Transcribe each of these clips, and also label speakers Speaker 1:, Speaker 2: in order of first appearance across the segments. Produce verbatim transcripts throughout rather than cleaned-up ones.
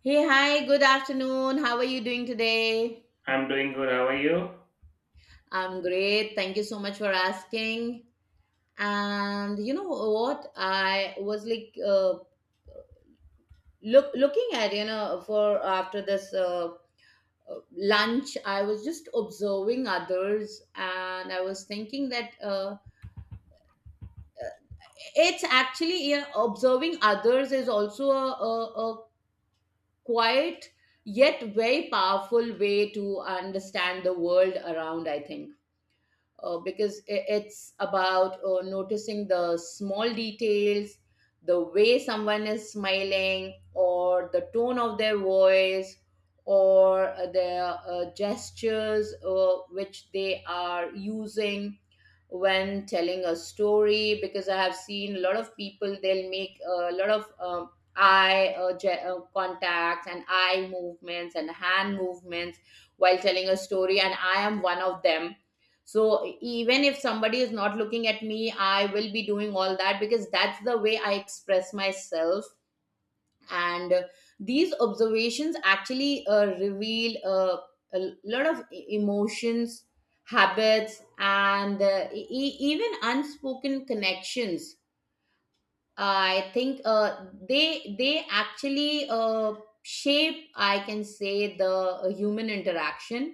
Speaker 1: Hey, hi, good afternoon. How are you doing today?
Speaker 2: I'm doing good. How are you?
Speaker 1: I'm great. Thank you so much for asking. And you know what? I was like uh, look looking at you know for after this uh, uh, lunch. I was just observing others, and I was thinking that uh, it's actually you know observing others is also a, a, a quiet yet very powerful way to understand the world around. I think uh, because i- it's about uh, noticing the small details, the way someone is smiling, or the tone of their voice, or uh, their uh, gestures uh, which they are using when telling a story, because I have seen a lot of people, they'll make a lot of um, eye uh, ge- uh, contacts and eye movements and hand movements while telling a story, and I am one of them. So even if somebody is not looking at me, I will be doing all that because that's the way I express myself. And uh, These observations actually uh, reveal uh, a lot of e- emotions, habits, and uh, e- e- even unspoken connections. I think uh, they they actually uh, shape, I can say, the uh, human interaction.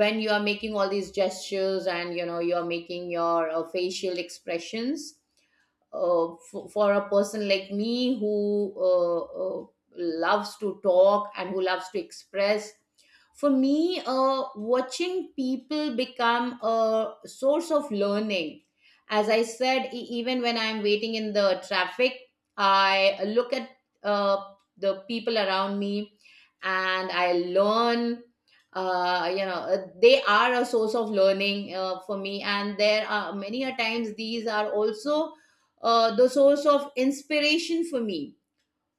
Speaker 1: When you are making all these gestures and you know you are making your uh, facial expressions, uh, for, for a person like me who uh, uh, loves to talk and who loves to express, for me uh, watching people become a source of learning. As I said, e- even when I'm waiting in the traffic, I look at uh, the people around me and I learn. Uh, you know uh, they are a source of learning uh, for me, and there are many a times these are also uh, the source of inspiration for me.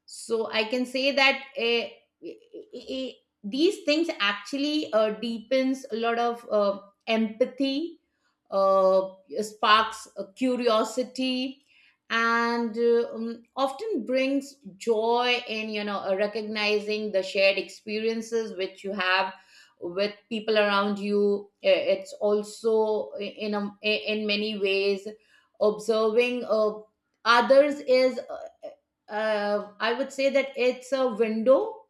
Speaker 1: So I can say that eh, eh, eh, eh, these things actually uh, deepens a lot of uh, empathy, uh, sparks uh, curiosity, and uh, um, often brings joy in you know uh, recognizing the shared experiences which you have with people around you. Eh, it's also in a, in many ways, observing uh, others is, uh, uh, I would say that it's a window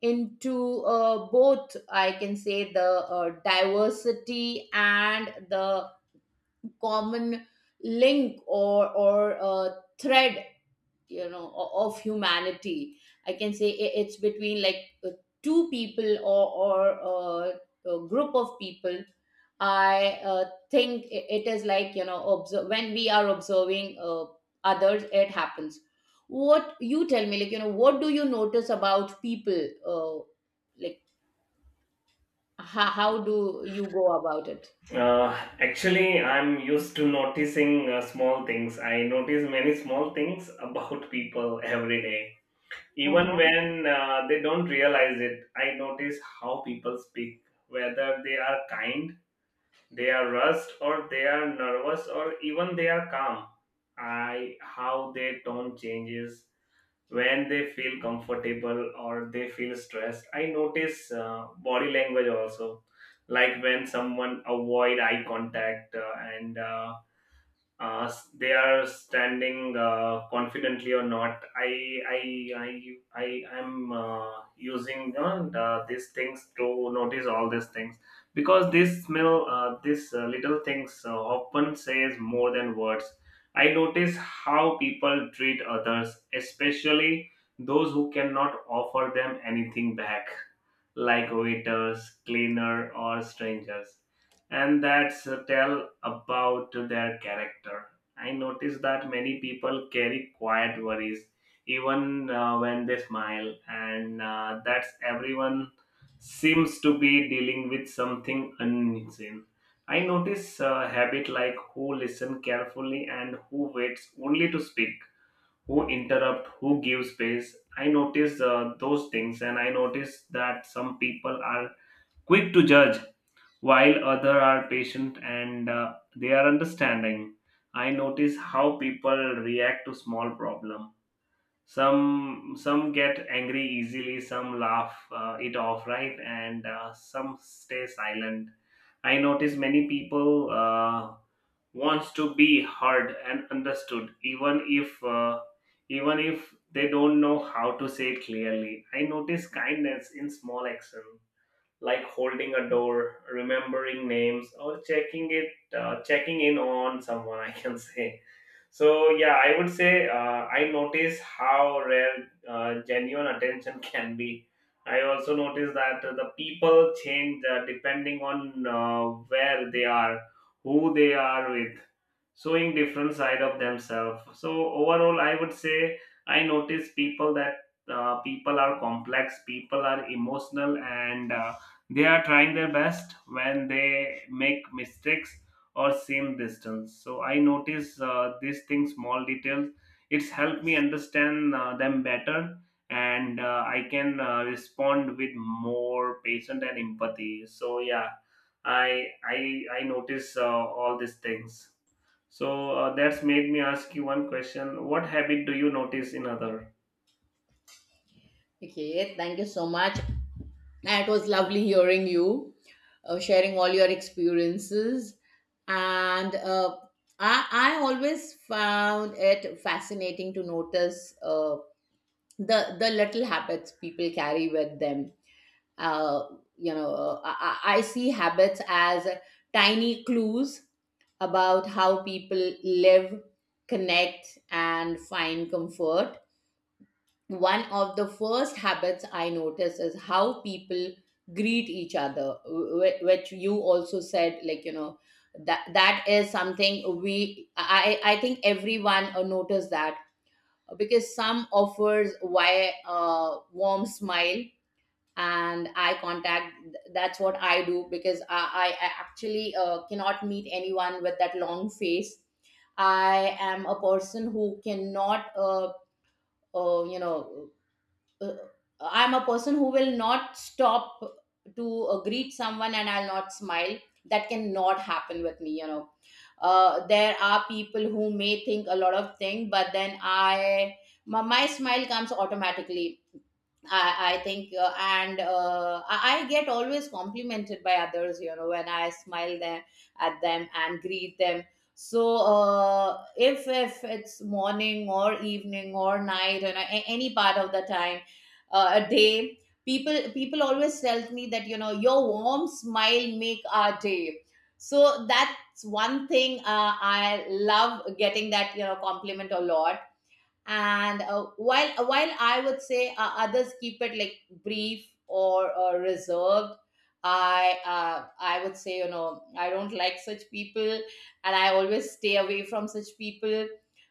Speaker 1: into uh, both, I can say, the uh, diversity and the common link or, or uh, thread, you know o- of humanity. I can say i- it's between like uh, two people or or uh, a group of people. I uh, think i- it is, like, you know, observe, when we are observing uh, others, it happens. What you tell me, like, you know, what do you notice about people? Uh, like how, how do you go about it?
Speaker 2: Uh, Actually, I'm used to noticing uh, small things. I notice many small things about people every day. Even
Speaker 1: Uh-huh.
Speaker 2: when uh, they don't realize it, I notice how people speak, whether they are kind, they are rushed, or they are nervous, or even they are calm. I how their tone changes when they feel comfortable or they feel stressed. I notice uh, body language also, like when someone avoid eye contact uh, and uh, uh, s- they are standing uh, confidently or not. I I I I am uh, using uh, the- these things to notice all these things, because this smell, uh, these uh, little things uh, often says more than words. I notice how people treat others, especially those who cannot offer them anything back, like waiters, cleaner, or strangers, and that's uh, tell about their character. I notice that many people carry quiet worries even uh, when they smile, and uh, that's everyone seems to be dealing with something unseen. I notice a habit like who listen carefully and who waits only to speak, who interrupt, who give space. I notice uh, those things, and I notice that some people are quick to judge while other are patient and uh, they are understanding. I notice how people react to small problem. Some some get angry easily, some laugh uh, it off, right, and uh, some stay silent. I notice many people uh, wants to be heard and understood, even if uh, even if they don't know how to say it clearly. I notice kindness in small actions like holding a door, remembering names, or checking it, uh, checking in on someone, I can say. So yeah, I would say uh, I notice how rare uh, genuine attention can be. I also notice that uh, the people change uh, depending on uh, where they are, who they are with, showing different side of themselves. So overall, I would say I notice people that uh, people are complex, people are emotional, and uh, they are trying their best when they make mistakes or same distance. So I notice uh, these things, small details. It's helped me understand uh, them better, and uh, I can uh, respond with more patience and empathy. So yeah, I I I notice uh, all these things. So uh, that's made me ask you one question: what habit do you notice in other?
Speaker 1: Okay, thank you so much. It was lovely hearing you uh, sharing all your experiences. and uh, I, I always found it fascinating to notice uh, the the little habits people carry with them. Uh, you know, uh, I, I I see habits as tiny clues about how people live, connect, and find comfort. One of the first habits I notice is how people greet each other, wh- which you also said, like, you know, that that is something we I I think everyone uh, noticed, that because some offers why uh, warm smile and eye contact. That's what I do, because I I actually uh, cannot meet anyone with that long face. I am a person who cannot uh, uh, you know uh, I'm a person who will not stop to uh, greet someone and I'll not smile. That cannot happen with me, you know. Uh, there are people who may think a lot of things, but then I, my, my smile comes automatically, I, I think. uh, and uh, I, I get always complimented by others, you know, when I smile them at them and greet them. So uh, if if it's morning or evening or night and a- any part of the time, uh, a day, people people always tell me that, you know, your warm smile make our day. So that's one thing uh, I love getting that, you know, compliment a lot. And uh, while while I would say uh, others keep it like brief or, or reserved, i uh, I would say, you know, I don't like such people, and I always stay away from such people,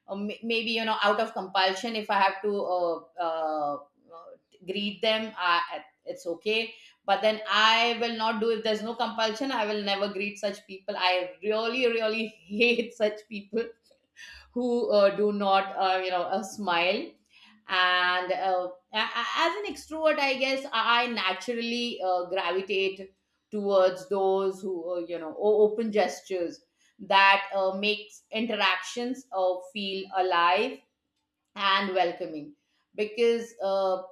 Speaker 1: or may- maybe, you know, out of compulsion, if I have to uh, uh, uh, greet them, I, it's okay. But then I will not do. If there's no compulsion, I will never greet such people. I really really hate such people who uh, do not, uh, you know uh, smile. and uh, a- a- as an extrovert, I guess I naturally uh, gravitate towards those who uh, you know o- open gestures, that uh, makes interactions uh, feel alive and welcoming, because uh,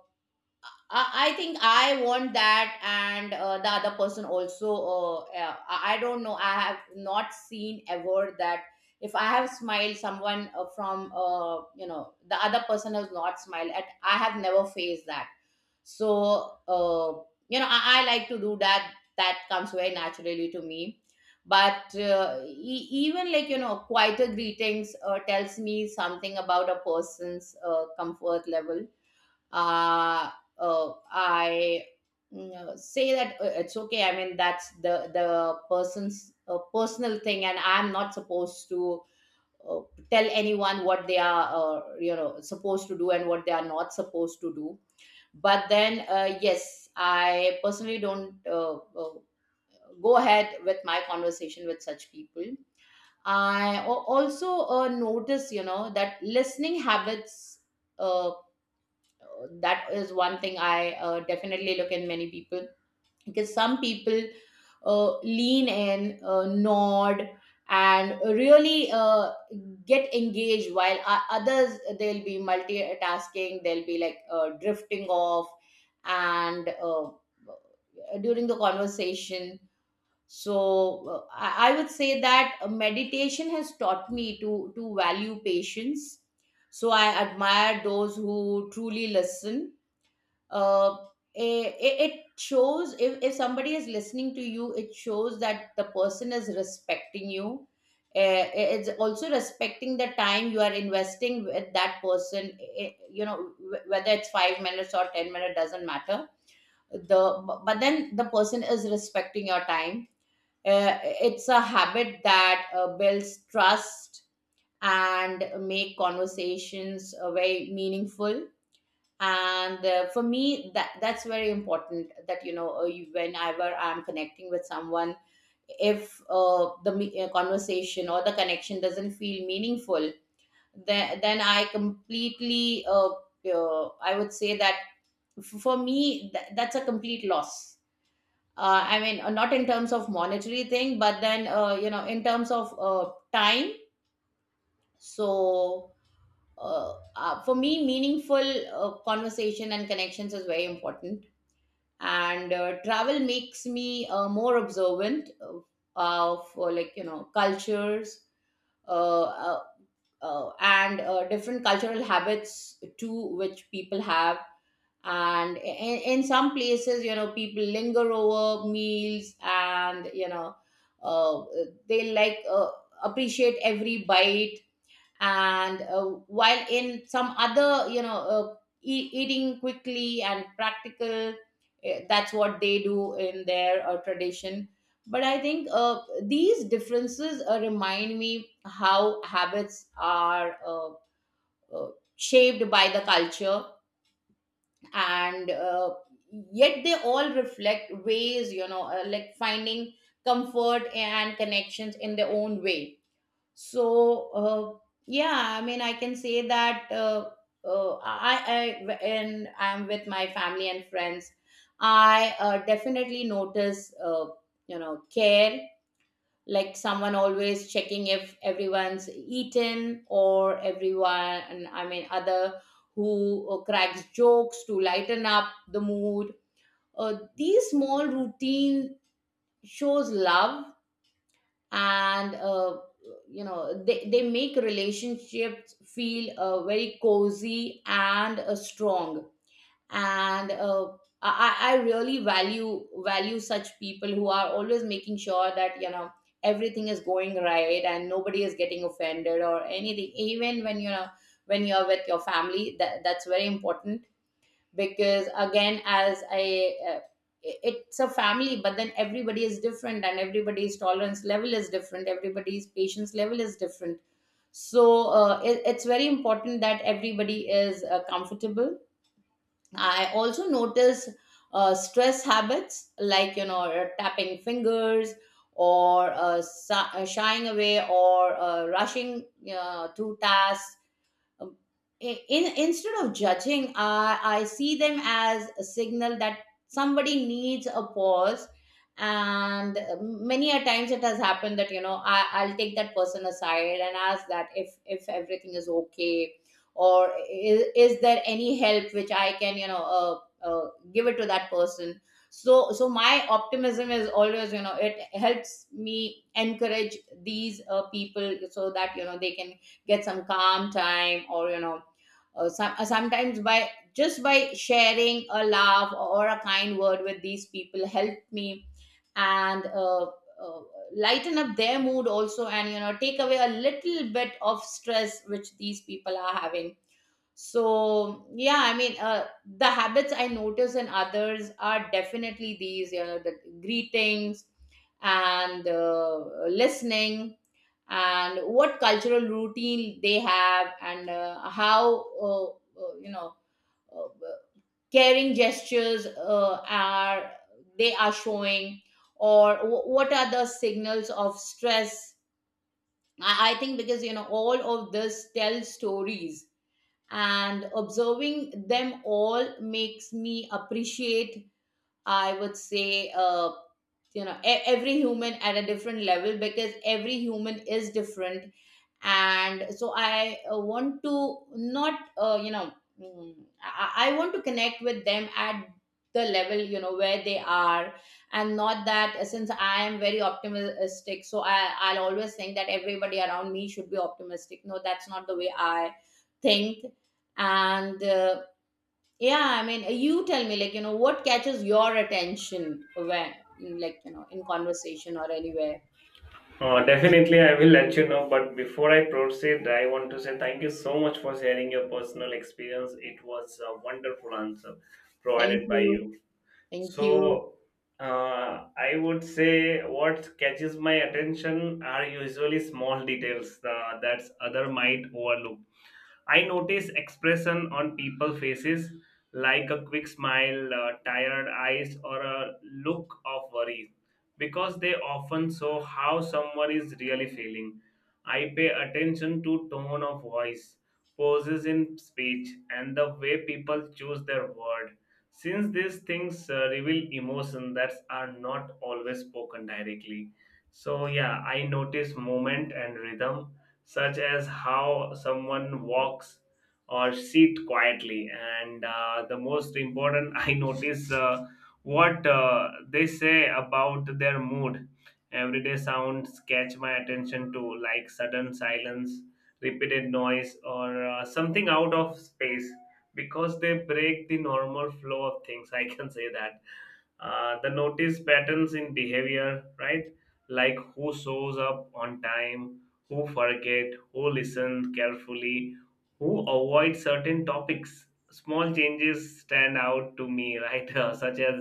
Speaker 1: I I think I want that, and uh, the other person also. Uh, uh, I I don't know. I have not seen ever that if I have smiled someone uh, from uh, you know, the other person has not smiled at. I have never faced that. So uh, you know, I, I like to do that. That comes very naturally to me. But uh, e- even, like, you know, quieter greetings uh, tells me something about a person's uh, comfort level. Uh, uh, I you know, say that uh, it's okay. I mean, that's the the person's uh, personal thing, and I'm not supposed to uh, tell anyone what they are, uh, you know, supposed to do and what they are not supposed to do. But then, uh, yes, I personally don't uh, uh, go ahead with my conversation with such people. I al- also uh, notice, you know, that listening habits. Uh, that is one thing i uh, definitely look in many people, because some people uh, lean in, uh, nod, and really uh, get engaged, while o- others they'll be multitasking, they'll be like uh, drifting off and uh, during the conversation. So uh, I, I would say that uh, meditation has taught me to to value patience, so I admire those who truly listen. uh, it, it shows, if, if somebody is listening to you, it shows that the person is respecting you. Uh, it's also respecting the time you are investing with that person. Eh, you know, wh- whether it's five minutes or ten minutes doesn't matter. The bu- but then the person is respecting your time. Uh, it's a habit that uh, builds trust and make conversations uh, very meaningful. And uh, For me, that that's very important, that, you know, uh, you, whenever I'm connecting with someone, if uh, the me- uh, conversation or the connection doesn't feel meaningful, then then I completely, uh, uh, I would say that f- for me, th- that's a complete loss. uh, I mean, uh, not in terms of monetary thing, but then, uh, you know, in terms of uh, time. So uh, uh, for me, meaningful uh, conversation and connections is very important. And uh, travel makes me uh, more observant of, of uh, like, you know, cultures, uh, uh, uh, and uh, different cultural habits too, which people have. and in, in some places, you know, people linger over meals, and, you know, uh, they like uh, appreciate every bite, and uh, while in some other, you know, uh, e- eating quickly and practical, eh, that's what they do in their uh, tradition. But I think uh, these differences uh, remind me how habits are uh, uh, shaped by the culture, and uh, yet they all reflect ways, you know, uh, like finding comfort and connections in their own way. So uh, yeah, I mean, I can say that uh, uh, I I and I'm with my family and friends, I uh, definitely notice uh, you know, care, like someone always checking if everyone's eaten or everyone, and I mean other, who uh, cracks jokes to lighten up the mood. Uh, these small routine shows love, and uh, you know, they, they make relationships feel uh, very cozy and uh, strong. And uh, I, I I really value value such people who are always making sure that, you know, everything is going right and nobody is getting offended or anything, even when, you know, when you're with your family, that, that's very important. Because again, as i uh, i- it's a family, but then everybody is different, and everybody's tolerance level is different, everybody's patience level is different. So uh, it, it's very important that everybody is uh, comfortable. I also notice uh, stress habits, like, you know, uh, tapping fingers, or uh, sa- uh, shying away, or uh, rushing uh, to tasks. um, i- in instead of judging, i i see them as a signal that somebody needs a pause. And uh, Many a times it has happened that, you know, I, I'll take that person aside and ask that if if everything is okay, or is, is there any help which I can, you know uh, uh, Give it to that person. So so my optimism is always, you know, it helps me encourage these uh, people so that, you know, they can get some calm time, or you know, uh, some, uh, sometimes by just by sharing a laugh or a kind word with these people helped me and uh, uh, lighten up their mood also, and you know, take away a little bit of stress which these people are having. So yeah, I mean, uh, the habits I notice in others are definitely these, you know, the greetings and uh, listening, and what cultural routine they have, and uh, how uh, uh, you know uh, caring gestures uh, are they are showing, or wh- what are the signals of stress. I, I think because, you know, all of this tells stories, and observing them all makes me appreciate, I would say, uh, you know e- every human at a different level, because every human is different. And so I uh, want to not, uh, you know mm, I, I want to connect with them at the level, you know, where they are. And not that, uh, since I am very optimistic, so I, i'll always think that everybody around me should be optimistic. No, that's not the way I think. And uh, yeah, I mean, uh, you tell me, like, you know, what catches your attention when, like, you know, in conversation or anywhere.
Speaker 2: Uh, definitely, I will let you know. But before I proceed, I want to say thank you so much for sharing your personal experience. It was a wonderful answer
Speaker 1: Thank
Speaker 2: provided by
Speaker 1: you.
Speaker 2: you.
Speaker 1: Thank you.
Speaker 2: So, uh, I would say what catches my attention are usually small details uh, that other might overlook. I notice expression on people faces like a quick smile, uh, tired eyes, or a look of worry, because they often show how someone is really feeling. I pay attention to tone of voice, pauses in speech, and the way people choose their word. Since these things uh, reveal emotion that are not always spoken directly. So yeah, I notice movement and rhythm such as how someone walks or sit quietly. And uh, the most important, I notice uh, what uh, they say about their mood. Everyday sounds catch my attention too, like sudden silence, repeated noise, or uh, something out of space, because they break the normal flow of things. I can say that uh, the notice patterns in behavior, right? Like who shows up on time, who forget, who listen carefully, who avoid certain topics. Small changes stand out to me, right? Such as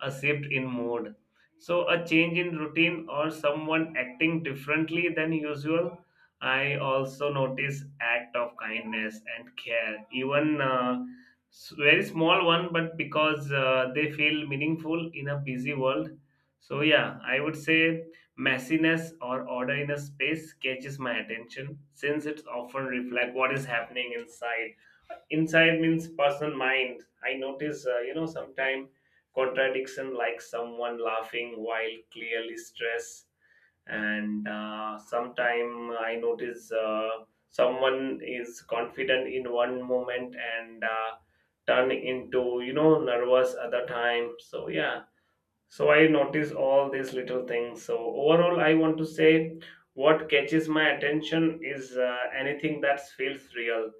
Speaker 2: a shift in mood. So, a change in routine or someone acting differently than usual. I also notice act of kindness and care, even uh, s- very small one, but because uh, they feel meaningful in a busy world. So yeah, I would say messiness or order in a space catches my attention, since it's often reflect what is happening inside. Inside means personal mind. I notice uh, you know sometime contradiction like someone laughing while clearly stressed, and uh, sometime I notice uh, someone is confident in one moment and uh, turn into you know nervous other time. So yeah, so I notice all these little things. So overall, I want to say what catches my attention is uh, anything that feels real,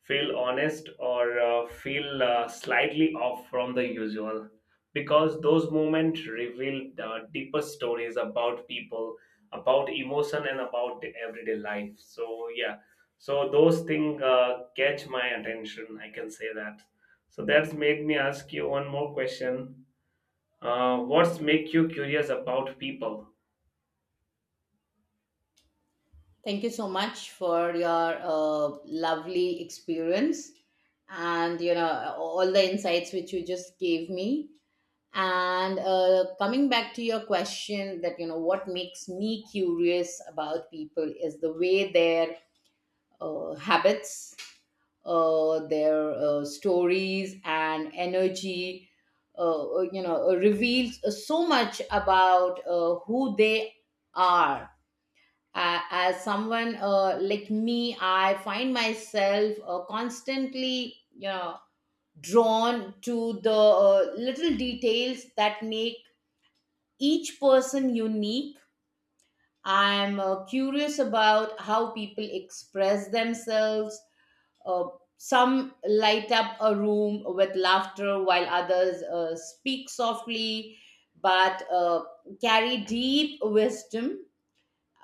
Speaker 2: feel honest, or uh, feel uh, slightly off from the usual. Because those moments reveal the deeper stories about people, about emotion, and about the everyday life. So yeah, so those things uh, catch my attention, I can say that. So that's made me ask you one more question: uh, what's make you curious about people?
Speaker 1: Thank you so much for your uh, lovely experience and, you know, all the insights which you just gave me. And uh, coming back to your question, that, you know, what makes me curious about people is the way their uh, habits, uh, their uh, stories, and energy, uh, you know, reveals so much about uh, who they are. Uh, as someone uh, like me, I find myself uh, constantly, you know, drawn to the uh, little details that make each person unique. I'm uh, curious about how people express themselves. uh, some light up a room with laughter, while others uh, speak softly but uh, carry deep wisdom.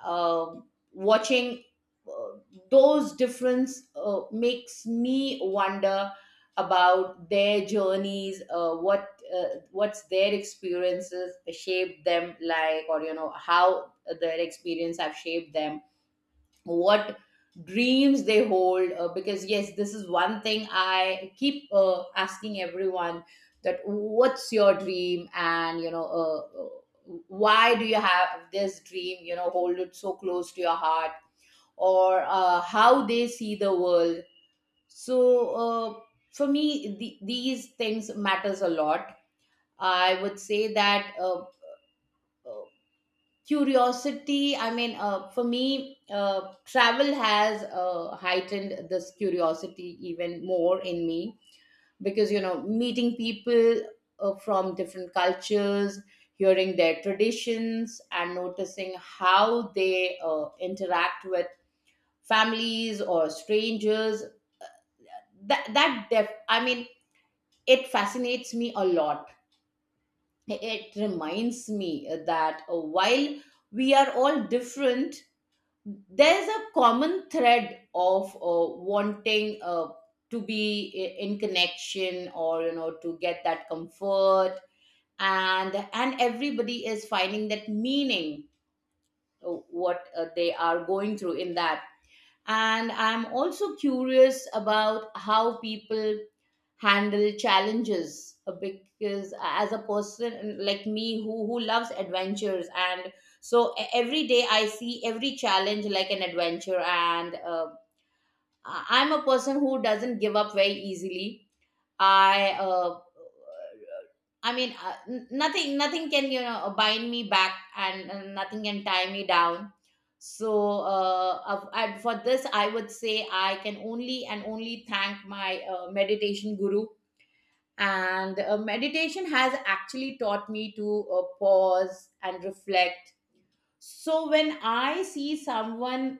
Speaker 1: um Watching uh, those difference uh, makes me wonder about their journeys, uh, what uh, what's their experiences shaped them like, or you know, how their experience have shaped them, what dreams they hold, uh, because yes, this is one thing I keep uh, asking everyone: that what's your dream, and you know, uh, uh, why do you have this dream, you know, hold it so close to your heart, or uh, how they see the world. So uh, for me, the, these things matters a lot. I would say that, uh, uh, curiosity, I mean, uh, for me, uh, travel has uh, heightened this curiosity even more in me, because you know, meeting people uh, from different cultures, hearing their traditions, and noticing how they uh, interact with families or strangers, that that def- I mean, it fascinates me a lot. It reminds me that, uh, while we are all different, there's a common thread of uh, wanting uh, to be i- in connection, or you know, to get that comfort. And and everybody is finding that meaning, uh, what uh, they are going through in that. And I'm also curious about how people handle challenges, uh, because uh, as a person uh, like me, who who loves adventures. And so e- every day I see every challenge like an adventure. and uh, I- I'm a person who doesn't give up very easily. I uh, I mean, uh, n- nothing, nothing can, you know, bind me back, and uh, nothing can tie me down. So, uh, of- and for this, I would say I can only and only thank my uh, meditation guru. And uh, meditation has actually taught me to uh, pause and reflect. So when I see someone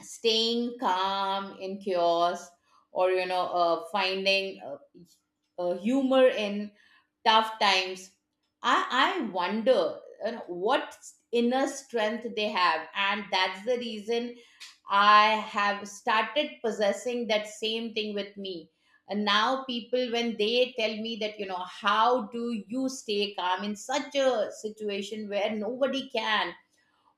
Speaker 1: staying calm in chaos, or you know, uh, finding uh, uh, humor in tough times, I, I wonder, you know, what inner strength they have. And that's the reason I have started possessing that same thing with me. And now people, when they tell me that, you know, how do you stay calm in such a situation where nobody can?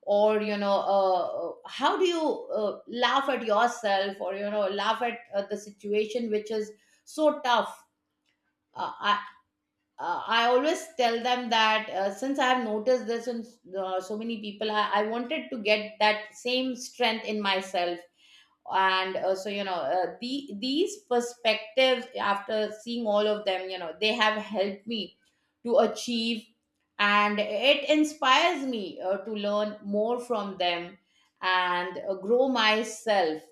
Speaker 1: Or, you know, uh, uh, how do you uh, laugh at yourself, or you know, laugh at uh, the situation which is so tough? Uh, I, uh, I always tell them that, uh, since I have noticed this in uh, so many people, I, I wanted to get that same strength in myself. And uh, so, you know, uh, the, these perspectives, after seeing all of them, you know, they have helped me to achieve, and it inspires me uh, to learn more from them and uh, grow myself.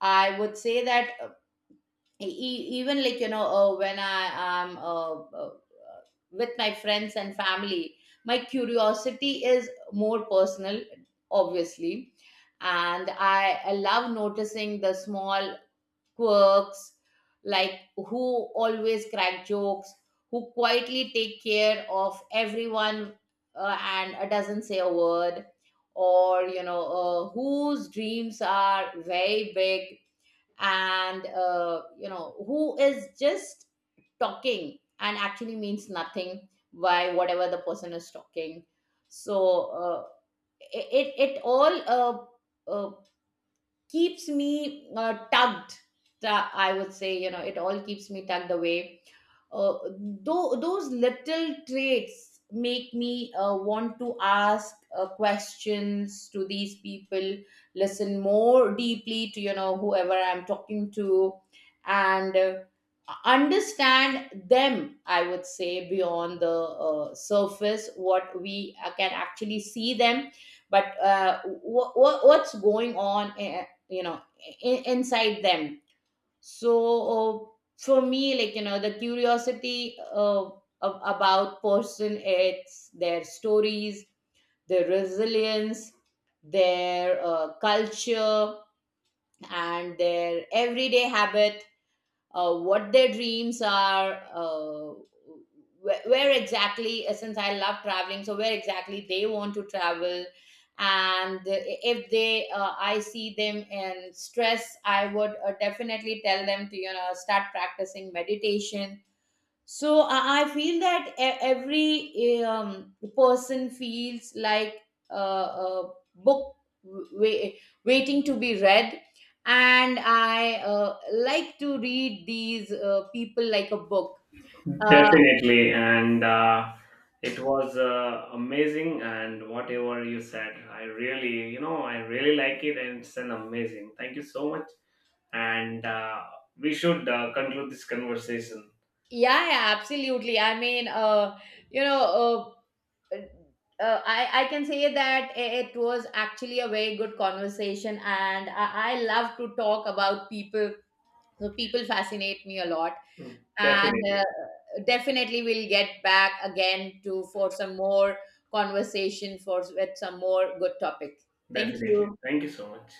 Speaker 1: I would say that, E- e, even like, you know, uh, when I am uh, uh, with my friends and family, my curiosity is more personal, obviously. and i, I love noticing the small quirks, like who always crack jokes, who quietly take care of everyone uh, and uh, doesn't say a word, or you know, uh, whose dreams are very big, and uh, you know, who is just talking and actually means nothing by whatever the person is talking. So uh, it, it it all uh, uh, keeps me uh, tugged, tu- I would say, you know, it all keeps me tugged away. uh, though those little traits make me uh, want to ask uh, questions to these people, listen more deeply to, you know, whoever I'm talking to, and uh, understand them, I would say, beyond the uh, surface what we uh, can actually see them, but uh, wh- wh- what's going on, uh, you know, in- inside them. So uh, for me, like you know, the curiosity uh, ab- about person, it's their stories, their resilience, their uh, culture, and their everyday habit, uh, what their dreams are, uh, where, where exactly, uh, since I love traveling, so where exactly they want to travel. And if they, uh, I see them in stress, I would uh, definitely tell them to, you know, start practicing meditation. So i I feel that e- every eh, um, person feels like uh, a book, wa- waiting to be read. And I uh, like to read these uh, people like a book. uh,
Speaker 2: Definitely, and uh, it was uh, amazing. And whatever you said, I really, you know, I really like it, and it's an amazing. Thank you so much. And uh, we should uh, conclude this conversation.
Speaker 1: yeah, yeah, absolutely, I mean, uh, you know uh, uh, I, I can say that, i- it was actually a very good conversation, and i, I love to talk about people. So people fascinate me a lot.
Speaker 2: Mm,
Speaker 1: And uh,
Speaker 2: definitely,
Speaker 1: definitely we'll get back again to for some more conversation for with some more good topic. Thank
Speaker 2: definitely.
Speaker 1: you.
Speaker 2: Thank you so much.